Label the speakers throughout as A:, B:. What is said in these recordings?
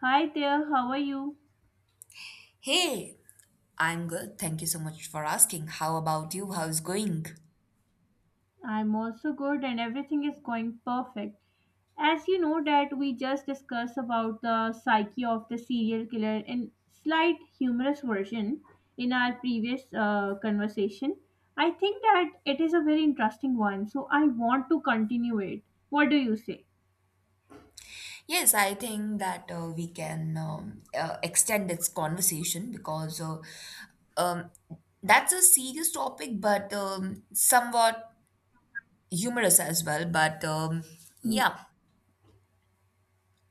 A: Hi there, how are you?
B: Hey, I'm good. Thank you so much for asking. How about you? How's going?
A: I'm also good and everything is going perfect. As you know that we just discussed about the psyche of the serial killer in slight humorous version in our previous conversation. I think that it is a very interesting one, so I want to continue it. What do you say?
B: Yes, I think that we can extend this conversation because um, that's a serious topic, but somewhat humorous as well.
A: Mm.
B: Yeah,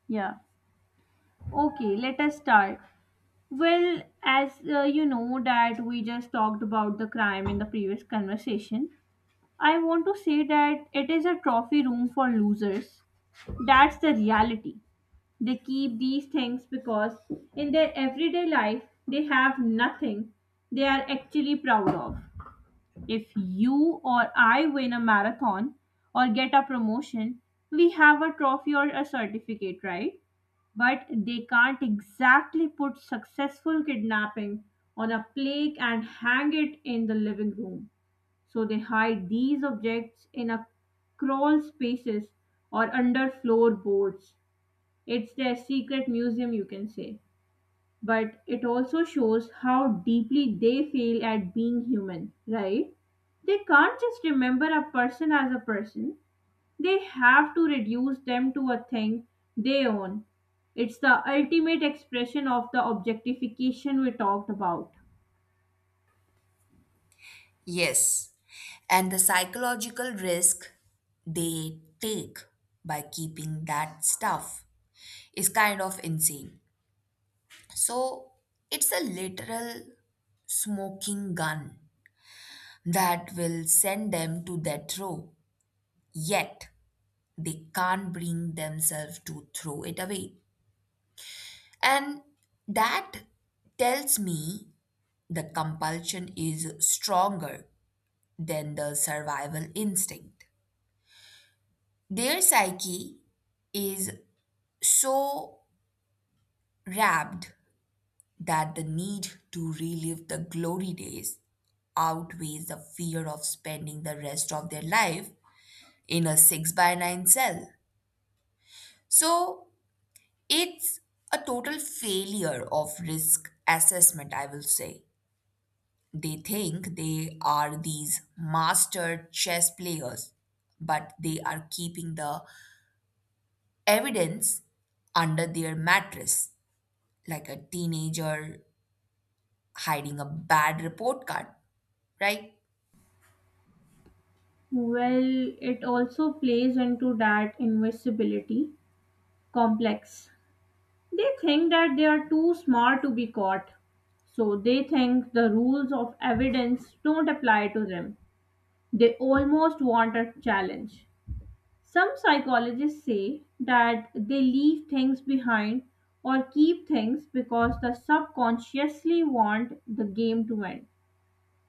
A: Yeah. Okay, let us start. Well, as you know that we just talked about the crime in the previous conversation, I want to say that it is a trophy room for losers. That's the reality. They keep these things because in their everyday life they have nothing they are actually proud of. If you or I win a marathon or get a promotion, we have a trophy or a certificate, right? But they can't exactly put successful kidnapping on a plaque and hang it in the living room. So they hide these objects in a crawl spaces or under floorboards. It's their secret museum, you can say. But it also shows how deeply they fail at being human, right? They can't just remember a person as a person. They have to reduce them to a thing they own. It's the ultimate expression of the objectification we talked about.
B: yes. And the psychological risk they take by keeping that stuff is kind of insane. So it's a literal smoking gun that will send them to death throw. Yet they can't bring themselves to throw it away. And that tells me the compulsion is stronger than the survival instinct. Their psyche is so wrapped that the need to relive the glory days outweighs the fear of spending the rest of their life in a 6 by 9 cell. So it's a total failure of risk assessment, I will say. They think they are these master chess players, but they are keeping the evidence under their mattress, like a teenager hiding a bad report card, right?
A: Well, it also plays into that invisibility complex. They think that they are too smart to be caught, so they think the rules of evidence don't apply to them. They almost want a challenge. Some psychologists say that they leave things behind or keep things because they subconsciously want the game to end.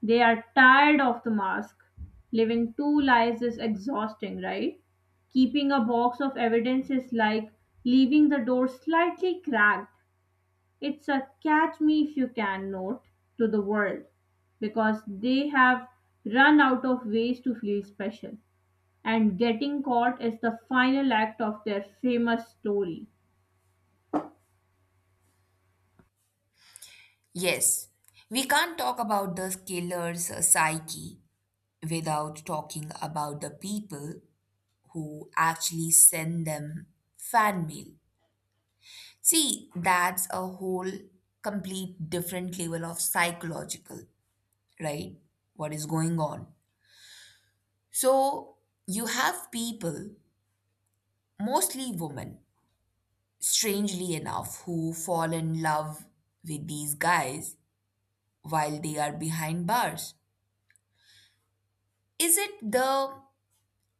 A: They are tired of the mask. Living two lives is exhausting, right? Keeping a box of evidence is like leaving the door slightly cracked. It's a catch me if you can note to the world because they have run out of ways to feel special. And getting caught is the final act of their famous story.
B: Yes, we can't talk about the killer's psyche without talking about the people who actually send them fan mail. See, that's a whole complete different level of psychological, right? What is going on? So, you have people, mostly women, strangely enough, who fall in love with these guys while they are behind bars. Is it the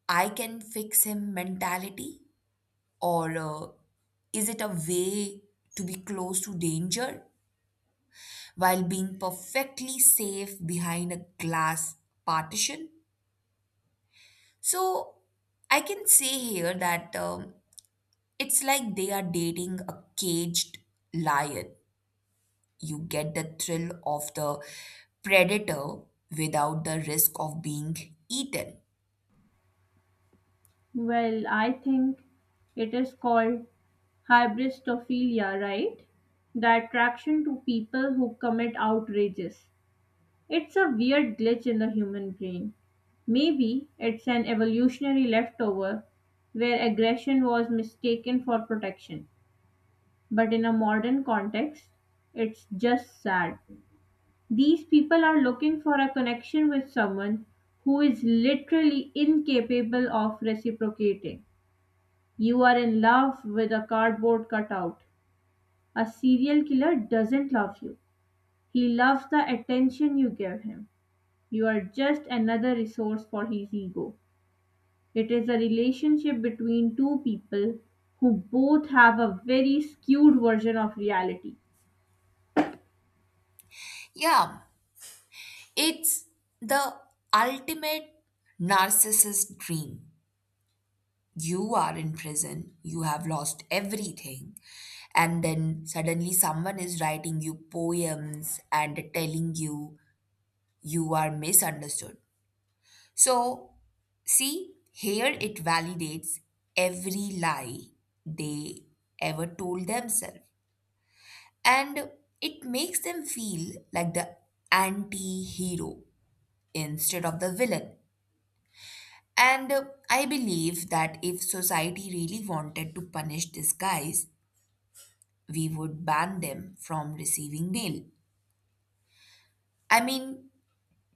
B: "I can fix him" mentality? Or is it a way to be close to danger while being perfectly safe behind a glass partition? So I can say here that it's like they are dating a caged lion. You get the thrill of the predator without the risk of being eaten.
A: Well, I think it is called hybristophilia, right? The attraction to people who commit outrages. It's a weird glitch in the human brain. Maybe it's an evolutionary leftover where aggression was mistaken for protection. But in a modern context, it's just sad. These people are looking for a connection with someone who is literally incapable of reciprocating. You are in love with a cardboard cutout. A serial killer doesn't love you. He loves the attention you give him. You are just another resource for his ego. It is a relationship between two people who both have a very skewed version of reality.
B: Yeah, it's the ultimate narcissist dream. You are in prison, you have lost everything, and then suddenly someone is writing you poems and telling you you are misunderstood. So, see, here it validates every lie they ever told themselves, and it makes them feel like the anti hero instead of the villain. And I believe that if society really wanted to punish these guys, we would ban them from receiving mail. I mean,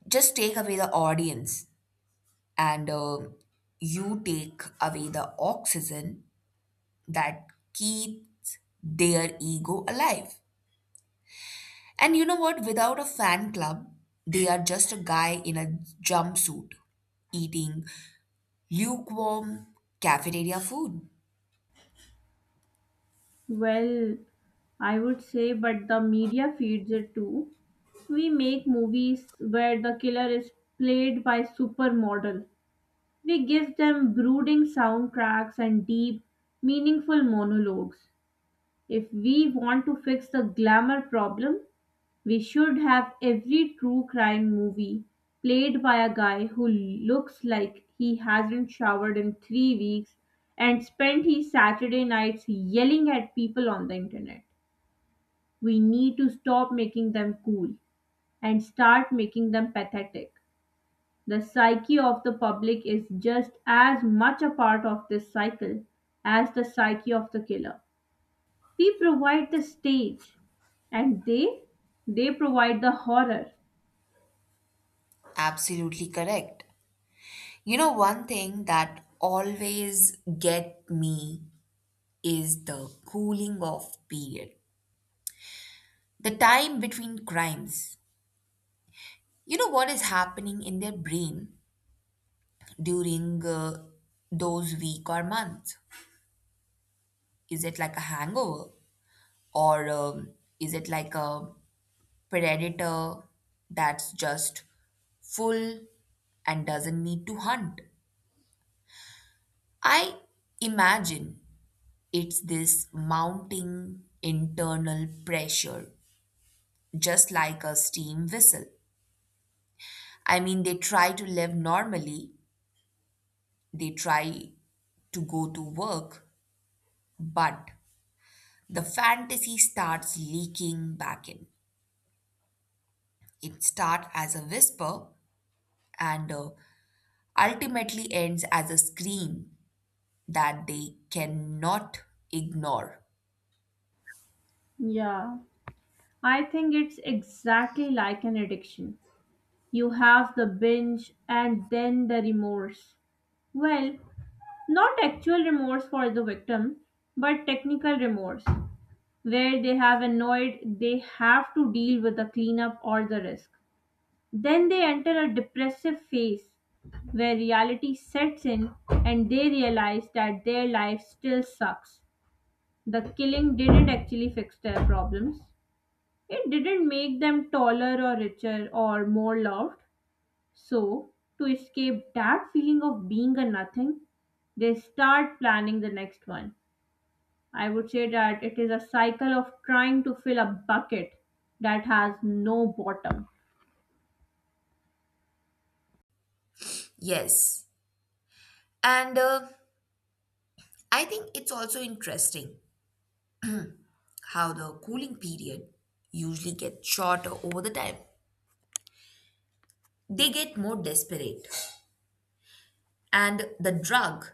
B: just take away the audience and you take away the oxygen that keeps their ego alive. And you know what? Without a fan club, they are just a guy in a jumpsuit eating lukewarm cafeteria food.
A: Well, I would say, but the media feeds it too. We make movies where the killer is played by supermodel. We give them brooding soundtracks and deep, meaningful monologues. If we want to fix the glamour problem, we should have every true crime movie played by a guy who looks like he hasn't showered in 3 weeks and spent his Saturday nights yelling at people on the internet. We need to stop making them cool and start making them pathetic. The psyche of the public is just as much a part of this cycle as the psyche of the killer. We provide the stage and they provide the horror.
B: Absolutely correct. You know, one thing that always get me is the cooling off period, the time between crimes. You know what is happening in their brain during those week or months? Is it like a hangover or is it like a predator that's just full and doesn't need to hunt? I imagine it's this mounting internal pressure, just like a steam whistle. I mean, they try to live normally, they try to go to work, but the fantasy starts leaking back in. It starts as a whisper and ultimately ends as a scream that they cannot ignore.
A: Yeah. I think it's exactly like an addiction. You have the binge and then the remorse. Well, not actual remorse for the victim, but technical remorse, where they have annoyed, they have to deal with the cleanup or the risk. Then they enter a depressive phase where reality sets in and they realize that their life still sucks. The killing didn't actually fix their problems, it didn't make them taller or richer or more loved. So, to escape that feeling of being a nothing, they start planning the next one. I would say that it is a cycle of trying to fill a bucket that has no bottom.
B: Yes. And I think it's also interesting how the cooling period usually gets shorter over the time. They get more desperate. And the drug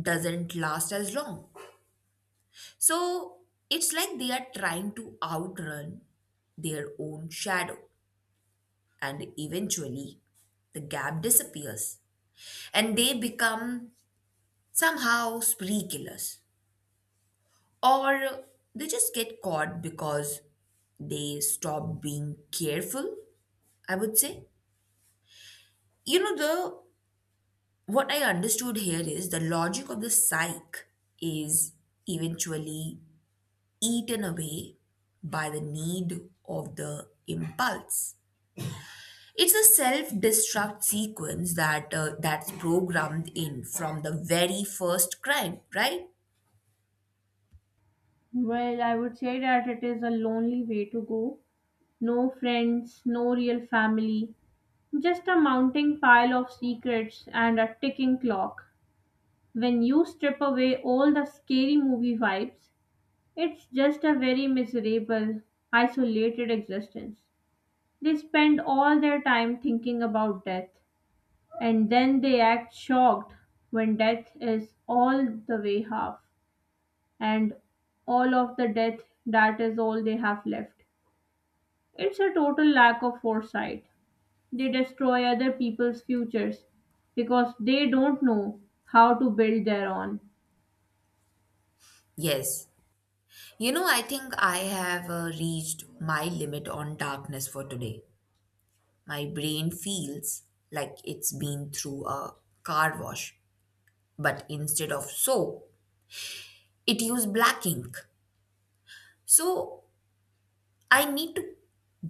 B: doesn't last as long. So it's like they are trying to outrun their own shadow. And eventually, the gap disappears and they become somehow spree killers. Or they just get caught because they stop being careful, I would say. You know, the what I understood here is the logic of the psych is eventually eaten away by the need of the impulse. It's a self-destruct sequence that's programmed in from the very first crime, right?
A: Well, I would say that it is a lonely way to go. No friends, no real family, just a mounting pile of secrets and a ticking clock. When you strip away all the scary movie vibes, it's just a very miserable, isolated existence. They spend all their time thinking about death, and then they act shocked when death is all the way half, and all of the death that is all they have left. It's a total lack of foresight. They destroy other people's futures because they don't know how to build their own.
B: Yes. You know, I think I have reached my limit on darkness for today. My brain feels like it's been through a car wash, but instead of soap, it used black ink. So I need to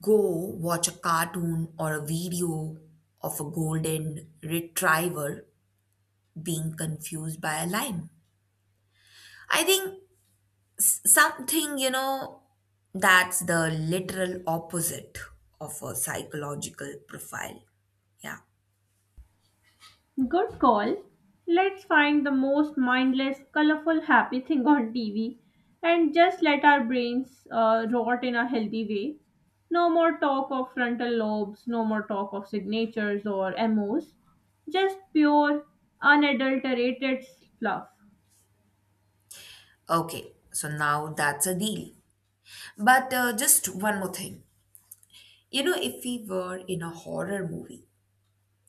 B: go watch a cartoon or a video of a golden retriever being confused by a lion. I think you know, that's the literal opposite of a psychological profile. Yeah.
A: Good call. Let's find the most mindless, colorful, happy thing on TV and just let our brains rot in a healthy way. No more talk of frontal lobes, no more talk of signatures or MOs, just pure, unadulterated fluff.
B: Okay. So now that's a deal. But just one more thing. You know, if we were in a horror movie,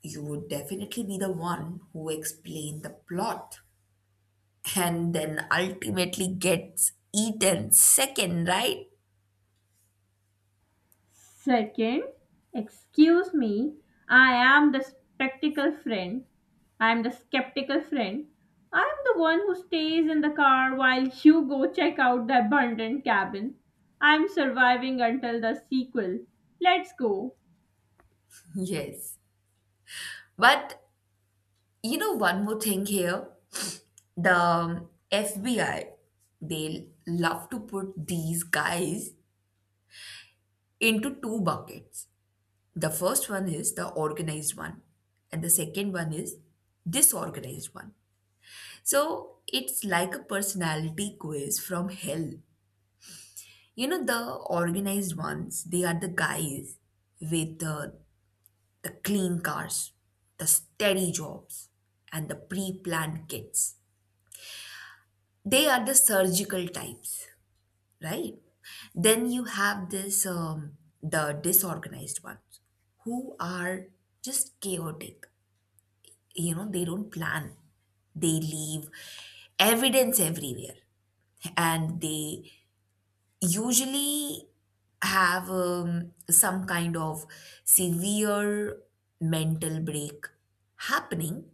B: you would definitely be the one who explained the plot and then ultimately gets eaten second, right?
A: Second, excuse me, I am the spectacle friend. I am the skeptical friend. I am the one who stays in the car while you go check out the abandoned cabin. I am surviving until the sequel. Let's go.
B: Yes. But you know, one more thing here: the FBI, they love to put these guys into two buckets. The first one is the organized one, and the second one is disorganized one. So it's like a personality quiz from hell. You know, the organized ones, they are the guys with the clean cars, the steady jobs, and the pre planned kids. They are the surgical types, right? Then you have the disorganized ones who are just chaotic. You know, they don't plan, they leave evidence everywhere, and they usually have some kind of severe mental break happening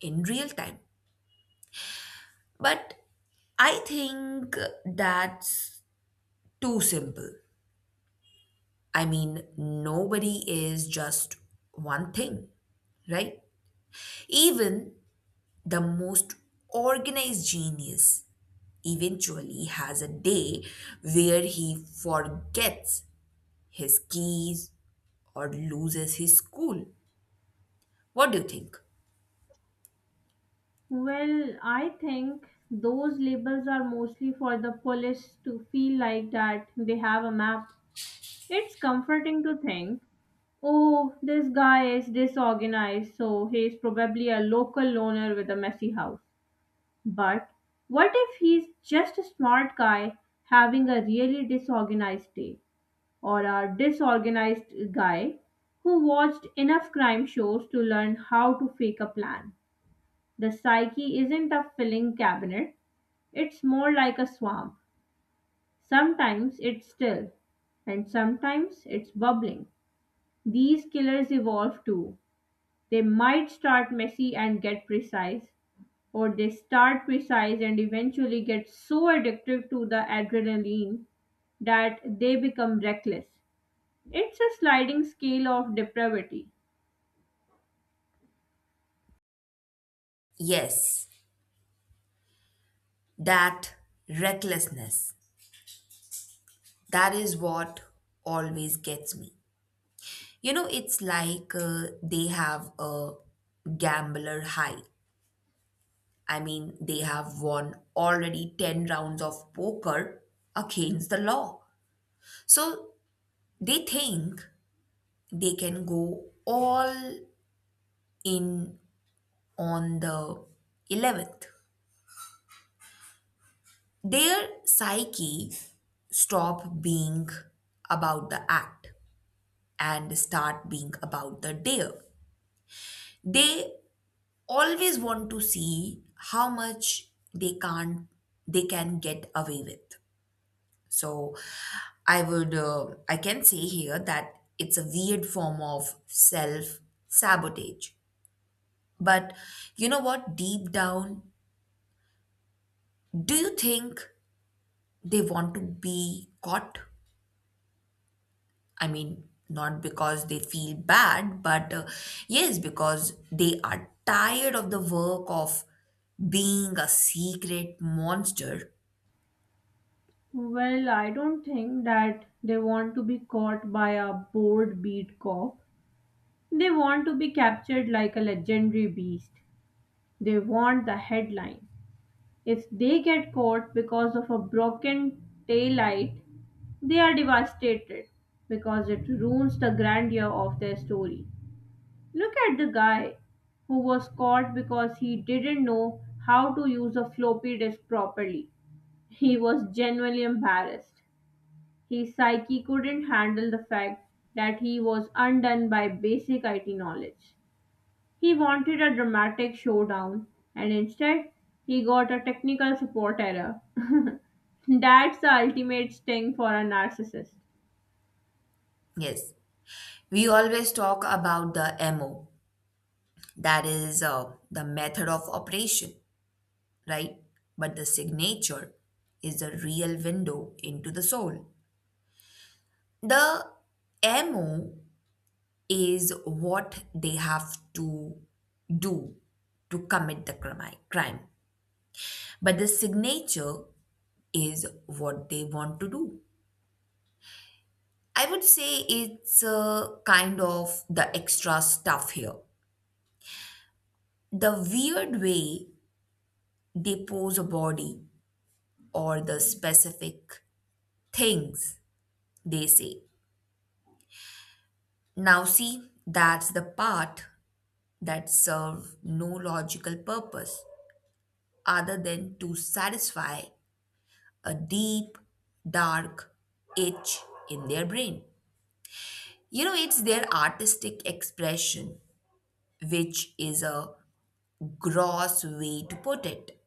B: in real time. But I think that's too simple. I mean, nobody is just one thing, right? Even the most organized genius eventually has a day where he forgets his keys or loses his school. What do you think?
A: Well, I think those labels are mostly for the police to feel like that they have a map. It's comforting to think, "Oh, this guy is disorganized, so he's probably a local loner with a messy house." But what if he's just a smart guy having a really disorganized day? Or a disorganized guy who watched enough crime shows to learn how to fake a plan? The psyche isn't a filling cabinet, it's more like a swamp. Sometimes it's still, and sometimes it's bubbling. These killers evolve too. They might start messy and get precise, or they start precise and eventually get so addicted to the adrenaline that they become reckless. It's a sliding scale of depravity.
B: Yes, that recklessness. That is what always gets me. You know, it's like they have a gambler high. I mean, they have won already 10 rounds of poker against the law. So they think they can go all in on the 11th. Their psyche stop being about the act and start being about the dare. They always want to see how much they can't they can get away with. So I can say here that it's a weird form of self sabotage. But you know what, deep down, do you think they want to be caught? I mean, not because they feel bad but yes, because they are tired of the work of being a secret monster.
A: Well, I don't think that they want to be caught by a bored beat cop. They want to be captured like a legendary beast. They want the headline. If they get caught because of a broken taillight, they are devastated because it ruins the grandeur of their story. Look at the guy who was caught because he didn't know how to use a floppy disk properly. He was genuinely embarrassed. His psyche couldn't handle the fact that he was undone by basic IT knowledge. He wanted a dramatic showdown, and instead, he got a technical support error. That's the ultimate sting for a narcissist.
B: Yes, we always talk about the MO, that is the method of operation, right? But the signature is the real window into the soul. The MO is what they have to do to commit the crime, but the signature is what they want to do. I would say it's a kind of the extra stuff here. The weird way depose a body or the specific things they say. Now, see, that's the part that serve no logical purpose other than to satisfy a deep, dark itch in their brain. You know, it's their artistic expression, which is a gross way to put it.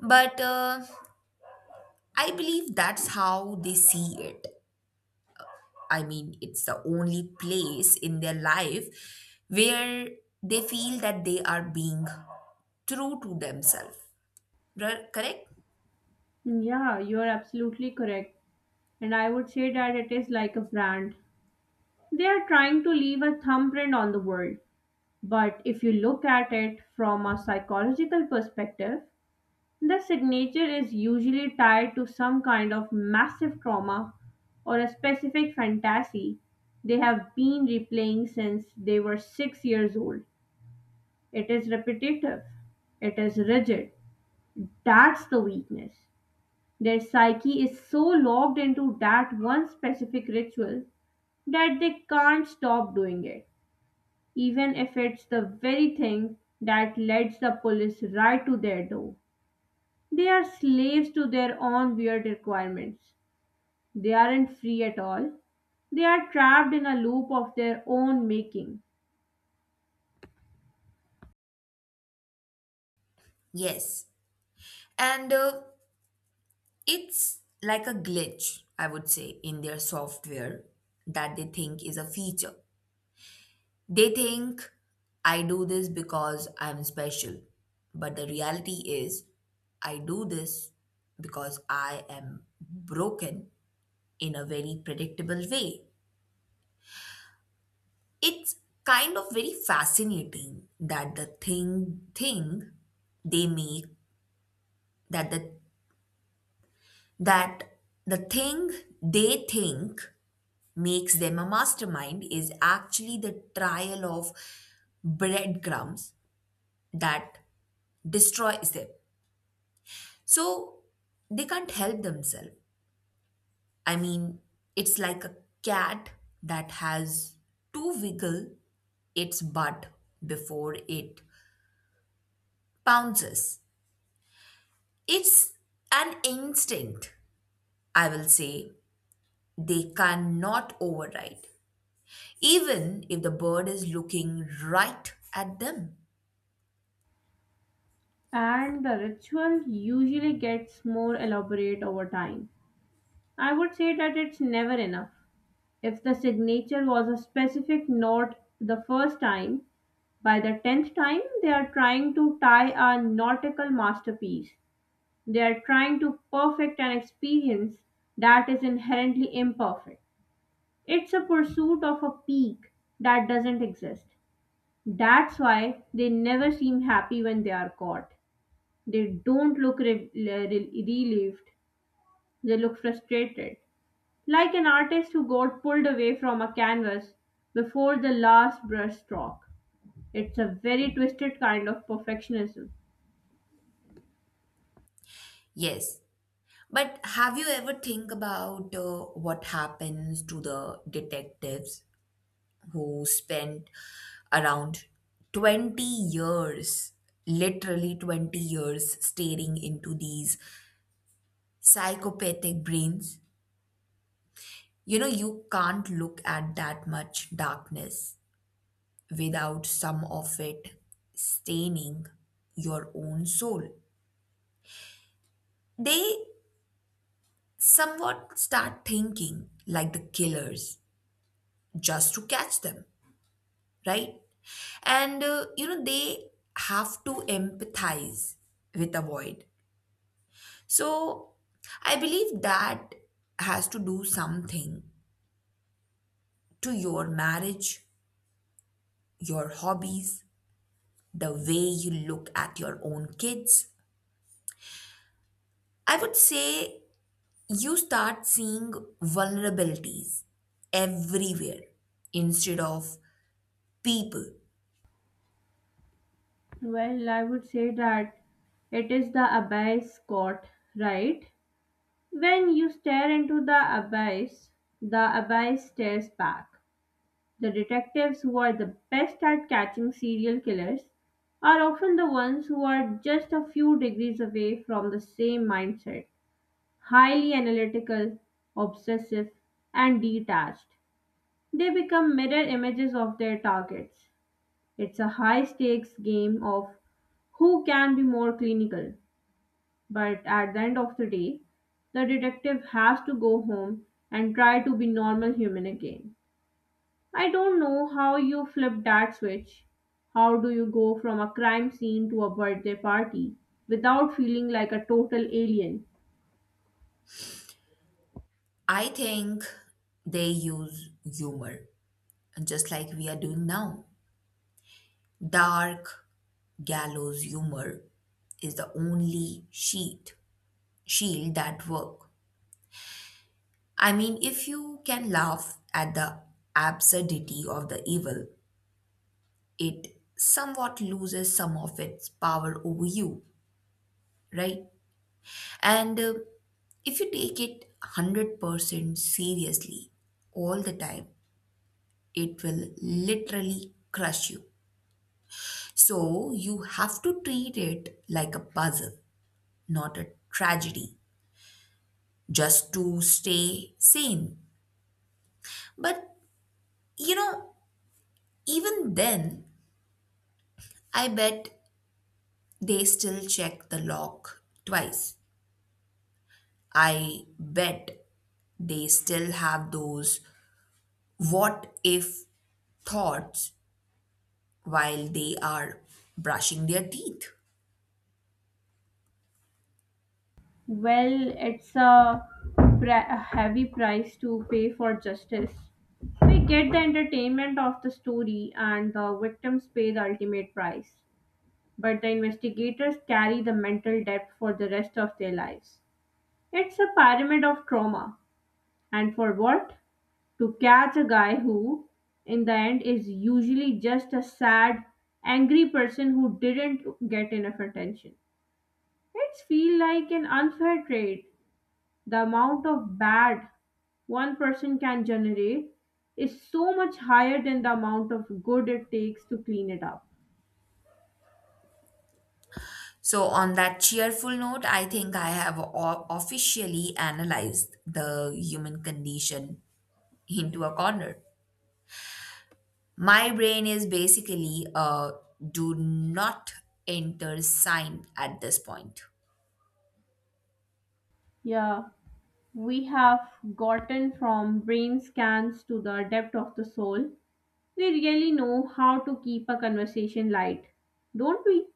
B: But I believe that's how they see it. I mean, it's the only place in their life where they feel that they are being true to themselves. Correct?
A: Yeah, you're absolutely correct. And I would say that it is like a brand. They are trying to leave a thumbprint on the world. But if you look at it from a psychological perspective, the signature is usually tied to some kind of massive trauma or a specific fantasy they have been replaying since they were 6 years old. It is repetitive, it is rigid. That's the weakness. Their psyche is so locked into that one specific ritual that they can't stop doing it, even if it's the very thing that leads the police right to their door. They are slaves to their own weird requirements. They aren't free at all. They are trapped in a loop of their own making.
B: Yes. And it's like a glitch, I would say, in their software that they think is a feature. They think, I do this because I'm special. But the reality is, I do this because I am broken in a very predictable way. It's kind of very fascinating that the thing they make that that the thing they think makes them a mastermind is actually the trial of breadcrumbs that destroys them. So they can't help themselves. I mean, it's like a cat that has to wiggle its butt before it pounces. It's an instinct, I will say, they cannot override, even if the bird is looking right at them.
A: And the ritual usually gets more elaborate over time. I would say that it's never enough. If the signature was a specific note the first time, by the tenth time they are trying to tie a nautical masterpiece. They are trying to perfect an experience that is inherently imperfect. It's a pursuit of a peak that doesn't exist. That's why they never seem happy when they are caught. They don't look relieved, they look frustrated. Like an artist who got pulled away from a canvas before the last brushstroke. It's a very twisted kind of perfectionism.
B: Yes, but have you ever think about what happens to the detectives who spent around 20 years, literally 20 years, staring into these psychopathic brains? You know, you can't look at that much darkness without some of it staining your own soul. They somewhat start thinking like the killers just to catch them, right? And you know, they have to empathize with the void. So I believe that has to do something to your marriage, your hobbies, the way you look at your own kids. I would say you start seeing vulnerabilities everywhere instead of people.
A: Well, I would say that it is the abyss Scott, right? When you stare into the abyss stares back. The detectives who are the best at catching serial killers are often the ones who are just a few degrees away from the same mindset. Highly analytical, obsessive, and detached. They become mirror images of their targets. It's a high stakes game of who can be more clinical, but at the end of the day, the detective has to go home and try to be normal human again. I don't know how you flip that switch. How do you go from a crime scene to a birthday party without feeling like a total alien?
B: I think they use humor just like we are doing now. Dark gallows humor is the only sheet shield that work. I mean, if you can laugh at the absurdity of the evil, it somewhat loses some of its power over you, right? And if you take it 100% seriously all the time, it will literally crush you. So you have to treat it like a puzzle, not a tragedy, just to stay sane. But you know, even then, I bet they still check the lock twice. I bet they still have those what if thoughts while they are brushing their teeth.
A: Well, it's a, a heavy price to pay for justice. We get the entertainment of the story, and the victims pay the ultimate price. But the investigators carry the mental debt for the rest of their lives. It's a pyramid of trauma. And for what? To catch a guy who, in the end, is usually just a sad, angry person who didn't get enough attention. It's feel like an unfair trade, the amount of bad one person can generate is so much higher than the amount of good it takes to clean it up.
B: So, on that cheerful note, I think I have officially analyzed the human condition into a corner. My brain is basically a do not enter sign at this point.
A: Yeah, we have gotten from brain scans to the depth of the soul. We really know how to keep a conversation light, don't we?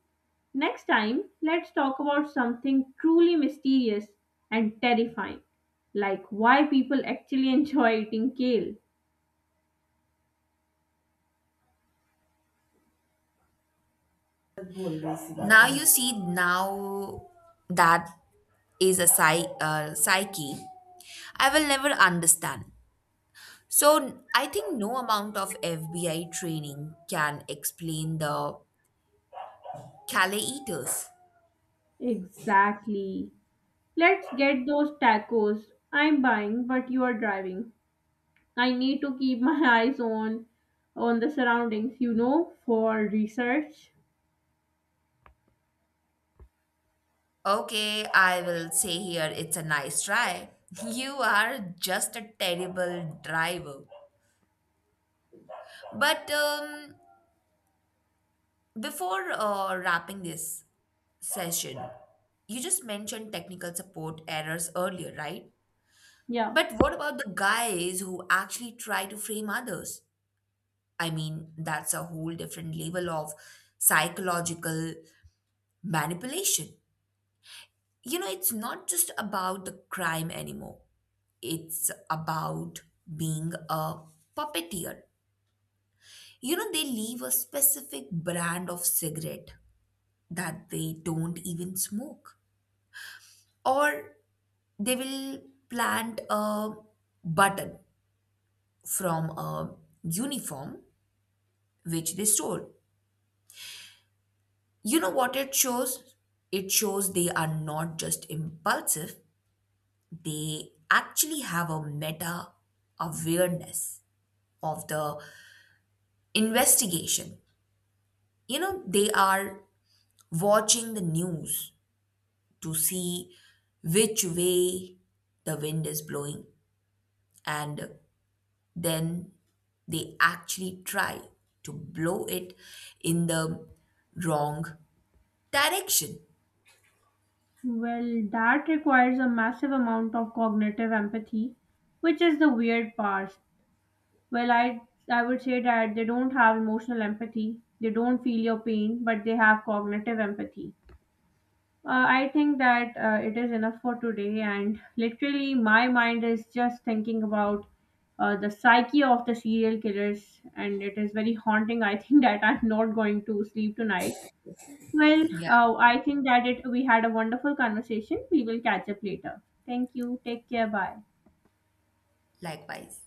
A: Next time, let's talk about something truly mysterious and terrifying, like why people actually enjoy eating kale.
B: Now, you see, now that is a psyche I will never understand. So, I think no amount of FBI training can explain the Calais eaters.
A: Exactly. Let's get those tacos. I'm buying, but you are driving. I need to keep my eyes on the surroundings, you know, for research.
B: Okay, I will say here it's a nice try. You are just a terrible driver. But before wrapping this session, you just mentioned technical support errors earlier, right?
A: Yeah.
B: But what about the guys who actually try to frame others? I mean, that's a whole different level of psychological manipulation. You know, it's not just about the crime anymore. It's about being a puppeteer. You know, they leave a specific brand of cigarette that they don't even smoke, or they will plant a button from a uniform which they stole. You know what it shows? It shows they are not just impulsive, they actually have a meta awareness of the investigation. You know, they are watching the news to see which way the wind is blowing and then they actually try to blow it in the wrong direction.
A: Well, that requires a massive amount of cognitive empathy, which is the weird part. Well, I would say that they don't have emotional empathy. They don't feel your pain, but they have cognitive empathy. I think that it is enough for today, and literally, my mind is just thinking about the psyche of the serial killers, and it is very haunting. I think that I'm not going to sleep tonight. Well,
B: Yeah.
A: I think that it we had a wonderful conversation. We will catch up later. Thank you. Take care. Bye.
B: Likewise.